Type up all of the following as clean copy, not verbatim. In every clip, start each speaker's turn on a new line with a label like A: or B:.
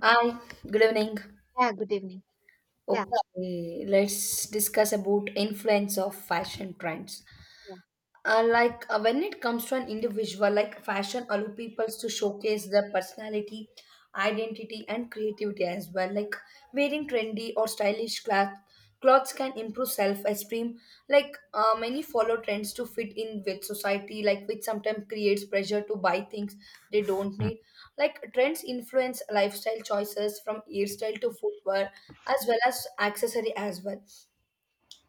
A: Hi, good evening.
B: Yeah, good evening. Yeah,
A: Okay, let's discuss about influence of fashion trends.
B: yeah,
A: When it comes to an individual, like, fashion allow people to showcase their personality, identity and creativity as well, like wearing trendy or stylish clothes can improve self-esteem. Like many follow trends to fit in with society, like, which sometimes creates pressure to buy things they don't need. Like, trends influence lifestyle choices from hairstyle to footwear as well as accessory as well.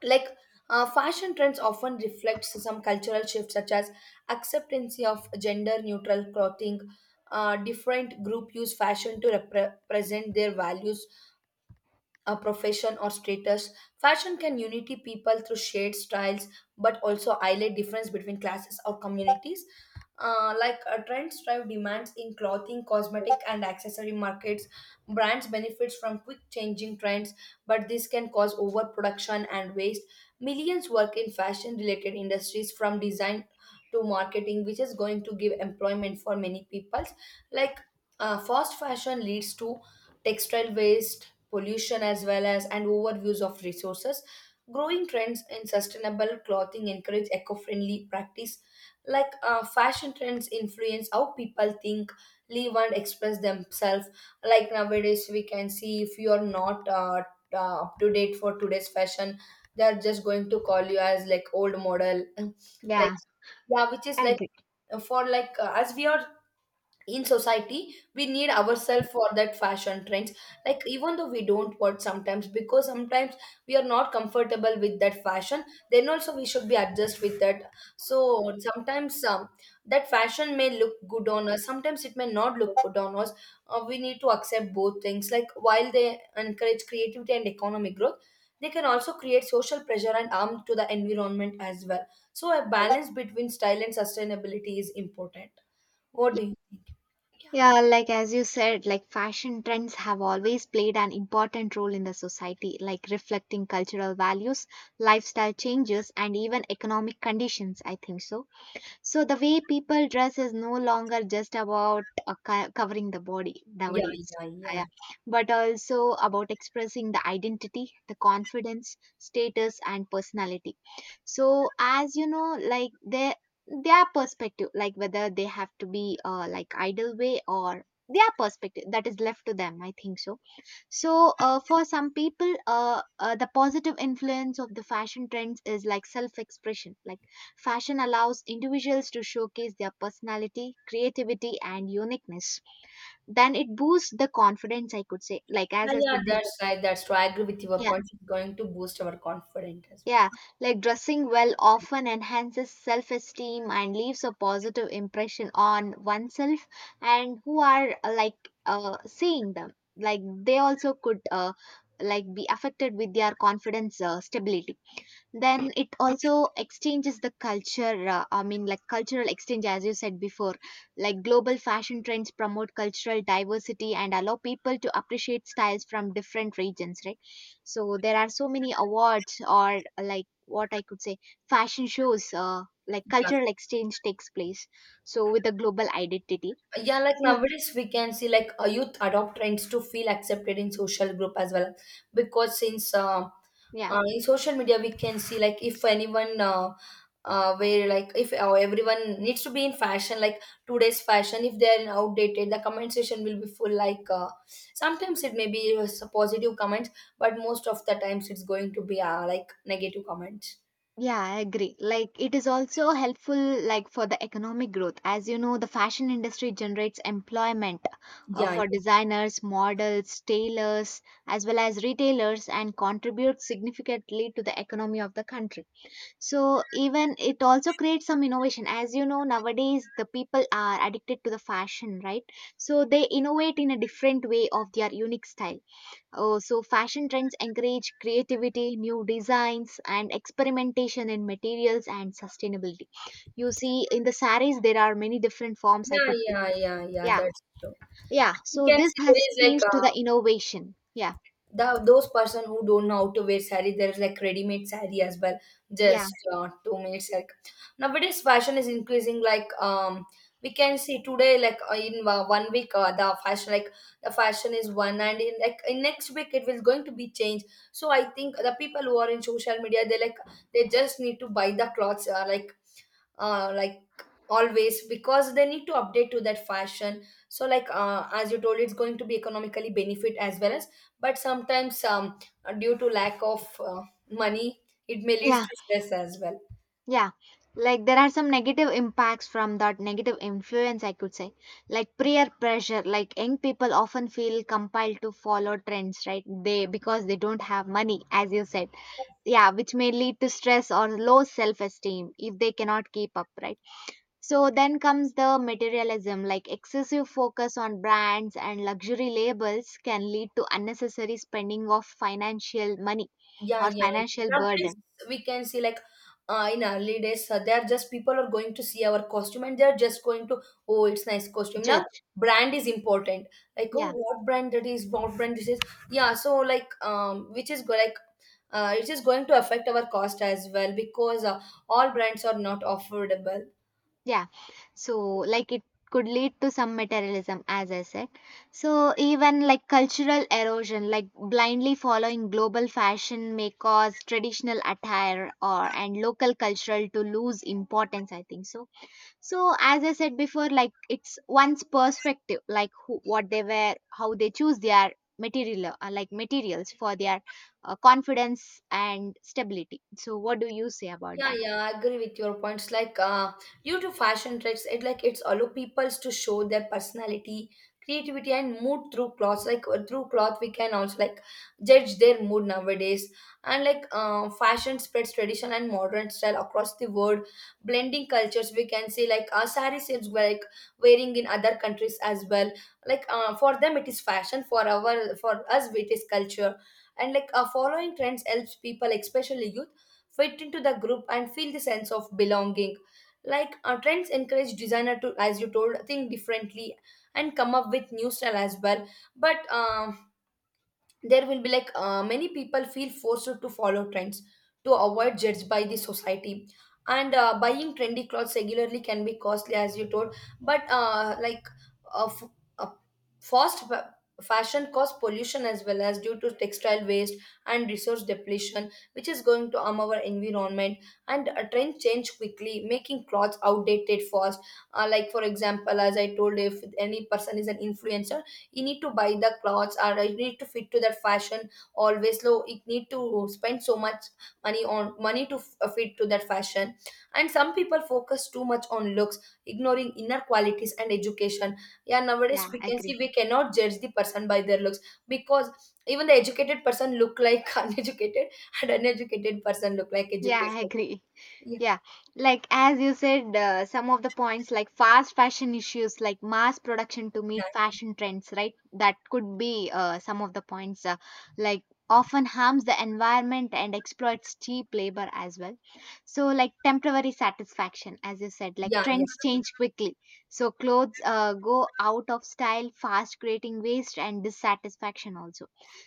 A: Like fashion trends often reflect some cultural shifts such as acceptance of gender neutral clothing. Different group use fashion to represent their values, a profession or status. Fashion can unity people through shared styles, but also highlight difference between classes or communities. Trends drive demands in clothing, cosmetic, and accessory markets. Brands benefits from quick changing trends, but this can cause overproduction and waste. Millions work in fashion related industries from design to marketing, which is going to give employment for many people. Like fast fashion leads to textile waste pollution as well as and overuse of resources. Growing trends in sustainable clothing encourage eco-friendly practice. Like fashion trends influence how people think, live and express themselves. Like nowadays we can see if you are not up to date for today's fashion, they are just going to call you as like old model like,
B: yeah,
A: yeah, which is
B: I
A: like
B: agree.
A: for like as we are in society, we need ourselves for that fashion trends. Like, even though we don't want sometimes, because sometimes we are not comfortable with that fashion, then also we should be adjust with that. So sometimes that fashion may look good on us, sometimes it may not look good on us. We need to accept both things, like, while they encourage creativity and economic growth, they can also create social pressure and harm to the environment as well. So a balance between style and sustainability is important. What
B: Yeah,
A: do you think? Yeah.
B: yeah, like as you said, like fashion trends have always played an important role in the society, like reflecting cultural values, lifestyle changes, and even economic conditions, I think so. So the way people dress is no longer just about covering the body
A: Yeah,
B: nowadays.
A: yeah, yeah.
B: Yeah. But also about expressing the identity, the confidence, status, and personality. So as you know, like their perspective, like whether they have to be like idle way or their perspective that is left to them. I think so so, for some people, the positive influence of the fashion trends is like self expression. Like, fashion allows individuals to showcase their personality, creativity, and uniqueness. Then it boosts the confidence, I could say. Like,
A: Yeah,
B: as I
A: yeah,
B: said before.
A: that's right. That's true. I agree with your point. It's going to boost our confidence as well.
B: Yeah, like dressing well often enhances self esteem and leaves a positive impression on oneself and who are seeing them. Like they also could like be affected with their confidence stability. Then it also exchanges the culture, I mean like cultural exchange as you said before. Like global fashion trends promote cultural diversity and allow people to appreciate styles from different regions, right? So there are so many awards or like what I could say fashion shows, like
A: Yeah.
B: cultural exchange takes place, so with a global identity.
A: Yeah, like
B: So
A: nowadays we can see like a youth adopt trends to feel accepted in social group as well, because since
B: yeah.
A: in social media we can see like if anyone where, like, if everyone needs to be in fashion, like today's fashion, if they are in outdated, the comment section will be full, like sometimes it may be positive comments, but most of the times it's going to be like negative comments.
B: Yeah, I agree. Like it is also helpful like for the economic growth. As you know, the fashion industry generates employment
A: Yeah,
B: for
A: yeah,
B: designers, models, tailors, as well as retailers and contributes significantly to the economy of the country. So even it also creates some innovation. As you know, nowadays the people are addicted to the fashion, right? So they innovate in a different way of their unique style. Oh, so fashion trends encourage creativity, new designs, and experimentation in materials and sustainability. You see, in the saris, there are many different forms, I
A: yeah,
B: could say.
A: yeah, yeah, yeah,
B: Yeah,
A: that's true.
B: yeah.
A: You
B: So
A: can
B: this
A: see there
B: has
A: is like
B: changed
A: a
B: to the innovation. Yeah,
A: the those person who don't know how to wear sari, there is like ready-made sari as well,
B: yeah,
A: just 2 minutes like. Nowadays fashion is increasing, like we can see today, like in 1 week the fashion, like the fashion is one and in like in next week it will going to be changed. So I think the people who are in social media, they like they just need to buy the clothes uh, like always, because they need to update to that fashion. So like as you told, it's going to be economically benefit as well as, but sometimes due to lack of money, it may lead
B: yeah,
A: to stress as well.
B: yeah. Like there are some negative impacts from that negative influence, I could say. Like peer pressure, like young people often feel compelled to follow trends, right? They, because they don't have money, as you said. Yeah, which may lead to stress or low self esteem if they cannot keep up, right? So then comes the materialism, like excessive focus on brands and luxury labels can lead to unnecessary spending of financial money
A: Yeah,
B: or
A: yeah,
B: financial
A: yeah. Nowadays,
B: burden.
A: we can see like in early days, they are just, people are going to see our costume and they are just going to, oh, it's nice costume. Now,
B: Judge.
A: brand is important. Like, oh,
B: Yeah.
A: what brand that is, what brand this is. Yeah, so like, which is go like, it is going to affect our cost as well, because all brands are not affordable.
B: Yeah. So, like, it could lead to some materialism, as I said. So, even like cultural erosion, like blindly following global fashion may cause traditional attire or and local cultural to lose importance, I think so. So, as I said before, like, it's one's perspective, like who, what they wear, how they choose their material, like materials for their confidence and stability. So, what do you say about
A: Yeah,
B: that?
A: yeah, I agree with your points. Like, due to fashion trends, it like it's allow peoples to show their personality, creativity, and mood through clothes. Like through cloth, we can also like judge their mood nowadays. And like, fashion spreads tradition and modern style across the world, blending cultures. We can say like, sari seems like wearing in other countries as well. Like, for them it is fashion. For our for us it is culture. And like, following trends helps people, especially youth fit into the group and feel the sense of belonging. Like trends encourage designer to, as you told, think differently and come up with new style as well. But there will be like many people feel forced to follow trends to avoid judged by the society. And buying trendy clothes regularly can be costly, as you told. But uh, f- uh, fast fa- fashion cause pollution as well as due to textile waste and resource depletion, which is going to harm our environment. And a trend change quickly, making clothes outdated fast. Like for example, as I told, if any person is an influencer, you need to buy the clothes or you need to fit to that fashion always. Low, you need to spend so much money on money to fit to that fashion. And some people focus too much on looks, ignoring inner qualities and education. Yeah, nowadays
B: Yeah,
A: we
B: I
A: can see
B: agree.
A: we cannot judge the person by their looks, because even the educated person look like uneducated, and uneducated person look like
B: Yeah, I
A: educated.
B: agree.
A: Yeah,
B: Yeah, like as you said, some of the points like fast fashion issues, like mass production to meet
A: yeah,
B: fashion trends, right? That could be some of the points, like often harms the environment and exploits cheap labor as well. So, like temporary satisfaction, as you said, like
A: yeah, yeah,
B: trends change quickly. So, clothes go out of style fast, creating waste and dissatisfaction also.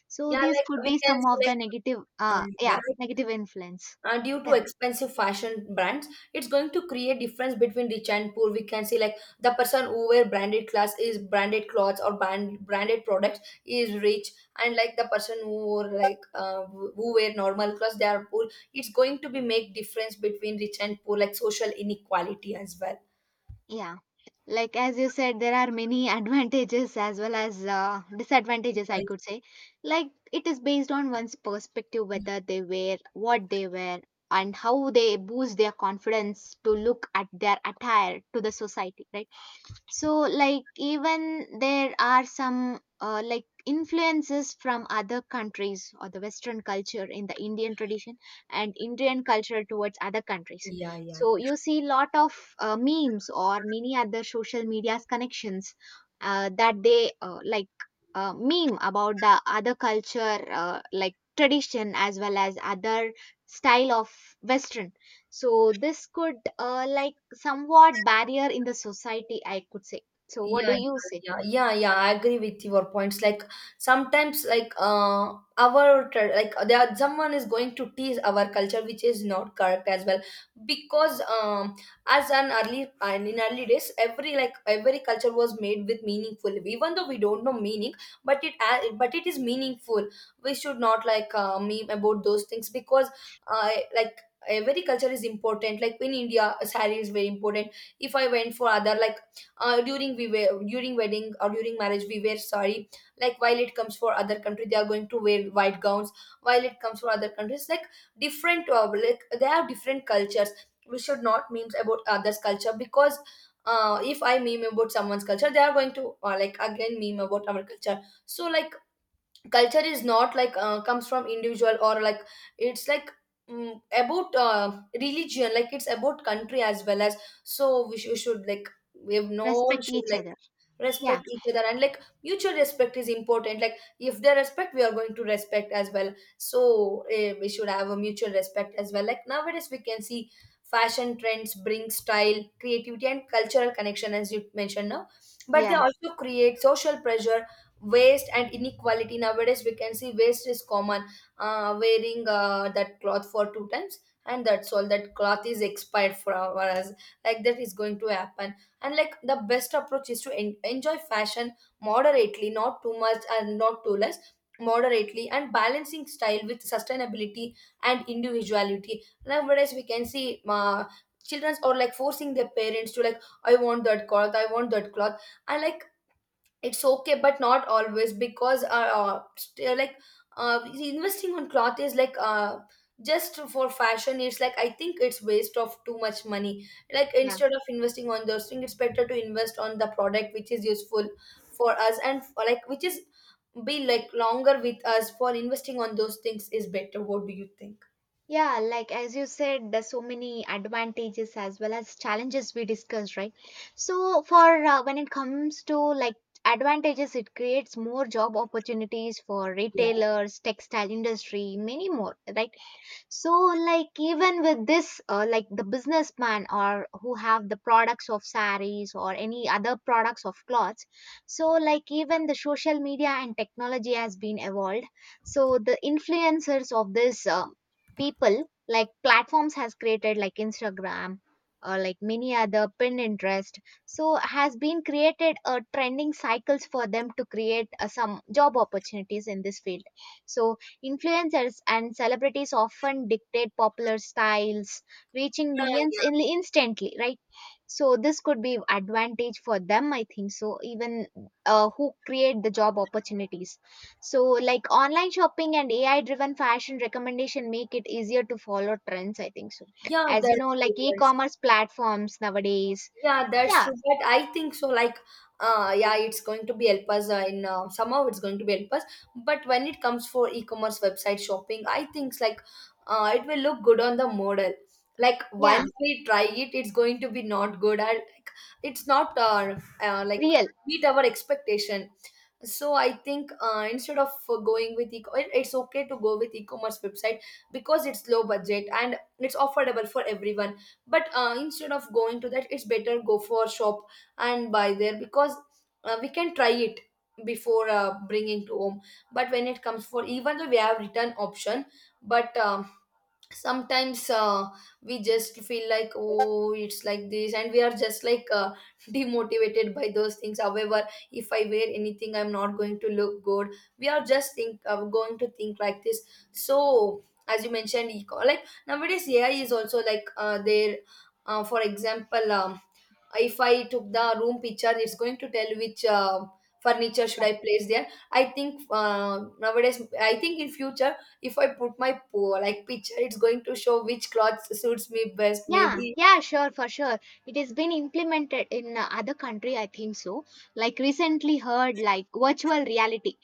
B: So,
A: yeah, yeah,
B: these
A: like
B: could
A: we
B: be
A: can
B: some
A: say
B: of the
A: like
B: negative,
A: um,
B: yeah,
A: yeah,
B: negative influence.
A: due to
B: Yeah,
A: expensive fashion brands, it's going to create difference between rich and poor. We can see like the person who wear branded class is branded clothes or branded products is rich, and like the person who wore, like who wear normal clothes, they are poor. It's going to be make difference between rich and poor, like social inequality as well.
B: yeah. Like as you said, there are many advantages as well as disadvantages, I could say. Like it is based on one's perspective, whether they wear what they wear and how they boost their confidence to look at their attire to the society, right? So, like, even there are some like influences from other countries or the Western culture in the Indian tradition and Indian culture towards other countries.
A: Yeah, yeah,
B: So you
A: yeah.
B: see lot of memes or many other social media's connections, that they meme about the other culture, like tradition as well as other style of western. So this could like somewhat barrier in the society, I could say. So what
A: Yeah,
B: do
A: yeah,
B: you say?
A: yeah, yeah, yeah. I agree with your points. Like sometimes, like like there are, someone is going to tease our culture, which is not correct as well. Because as an early and in early days, every like every culture was made with meaningful. Even though we don't know meaning, but it is meaningful. We should not like meme about those things, because uh, like every culture is important. Like in India, saree is very important. If I went for other like during we wear, during wedding or during marriage we wear sari, like while it comes for other country they are going to wear white gowns, while it comes for other countries, like different like they have different cultures, we should not memes about others culture, because if I meme about someone's culture, they are going to like again meme about our culture. So like culture is not like comes from individual, or like it's like about religion, like it's about country as well as. So we should like, we have, no one
B: Respect
A: should
B: each
A: like,
B: other. Yeah,
A: respect each other. And like mutual respect is important, like if they respect we are going to respect as well. So we should have a mutual respect as well. Like nowadays we can see fashion trends bring style, creativity and cultural connection, as you mentioned now. But they
B: yeah,
A: also create social pressure, waste and inequality. Nowadays we can see waste is common. Wearing that cloth for 2 times, and that's all, that cloth is expired for us, like that is going to happen. And like the best approach is to enjoy fashion moderately, not too much and not too less, moderately, and balancing style with sustainability and individuality. Nowadays we can see children are like forcing their parents to, like, I want that cloth, I want that cloth. And like it's okay but not always, because like uh investing on cloth is like just for fashion, it's like I think it's waste of too much money. Like
B: yeah.
A: instead of investing on those things, it's better to invest on the product which is useful for us and for, like, which is be like longer with us, for investing on those things is better. What do you think?
B: Yeah, like as you said, there's so many advantages as well as challenges we discussed, right? So for when it comes to like advantages, it creates more job opportunities for
A: Yeah,
B: retailers, textile industry, many more, right? So like even with this, like the businessman or who have the products of saris or any other products of clothes. So like even the social media and technology has been evolved, so the influencers of this people like platforms has created like instagram or like many other pinterest. So has been created a trending cycles for them to create some job opportunities in this field. So influencers and celebrities often dictate popular styles, reaching
A: yeah,
B: millions
A: yeah,
B: in instantly, right? So this could be advantage for them, I think. So even who create the job opportunities. So like online shopping and AI-driven fashion recommendation make it easier to follow trends, I think so.
A: yeah,
B: As you
A: that's
B: know,
A: good.
B: like e-commerce platforms nowadays.
A: Yeah, that's
B: Yeah,
A: true. But I think so. Like, yeah, it's going to be help us in somehow it's going to be help us. But when it comes for e-commerce website shopping, I think like it will look good on the model. Like
B: yeah,
A: once we try it, it's going to be not good. And like, it's not like
B: real.
A: meet our expectation. So I think instead of going with eco, it's okay to go with e-commerce website, because it's low budget and it's affordable for everyone. But instead of going to that, it's better go for shop and buy there, because we can try it before bringing to home. But when it comes for, even though we have return option, but sometimes we just feel like, oh, it's like this, and we are just like demotivated by those things. However, if I wear anything I'm not going to look good, we are just think going to think like this. So as you mentioned eco, like nowadays AI is also like there. For example, if I took the room picture, it's going to tell which furniture should I place there. I think nowadays I think in future if I put my like picture, it's going to show which clothes suits me best,
B: Yeah,
A: maybe.
B: yeah, sure, for sure. It has been implemented in other country, I think so. Like recently heard like virtual reality.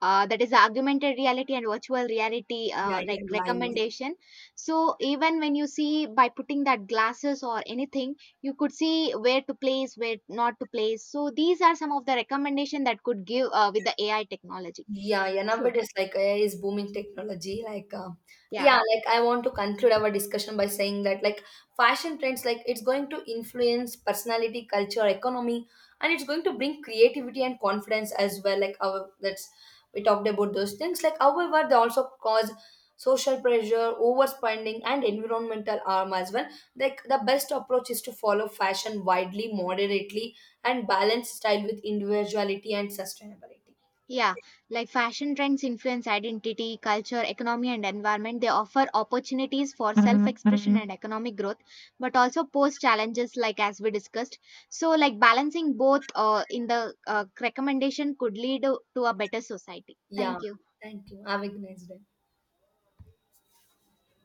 B: That is augmented reality and virtual reality
A: Yeah, yeah,
B: like
A: yeah, I know.
B: recommendation. So even when you see by putting that glasses or anything, you could see where to place where not to place. So these are some of the recommendation that could give with the AI technology.
A: Yeah, yeah.
B: So
A: Nowadays, like AI is booming technology. Like,
B: yeah.
A: yeah, like I want to conclude our discussion by saying that, like, fashion trends, like, it's going to influence personality, culture, economy, and it's going to bring creativity and confidence as well. Like, our that's we talked about those things. Like, however, they also cause social pressure, overspending, and environmental harm as well. Like, the best approach is to follow fashion widely, moderately, and balance style with individuality and sustainability.
B: Yeah, like fashion trends influence identity, culture, economy, and environment. They offer opportunities for self expression and economic growth, but also pose challenges, like as we discussed. So, like balancing both in the recommendation could lead to a better society.
A: Yeah,
B: Thank you.
A: thank you. Have a nice day.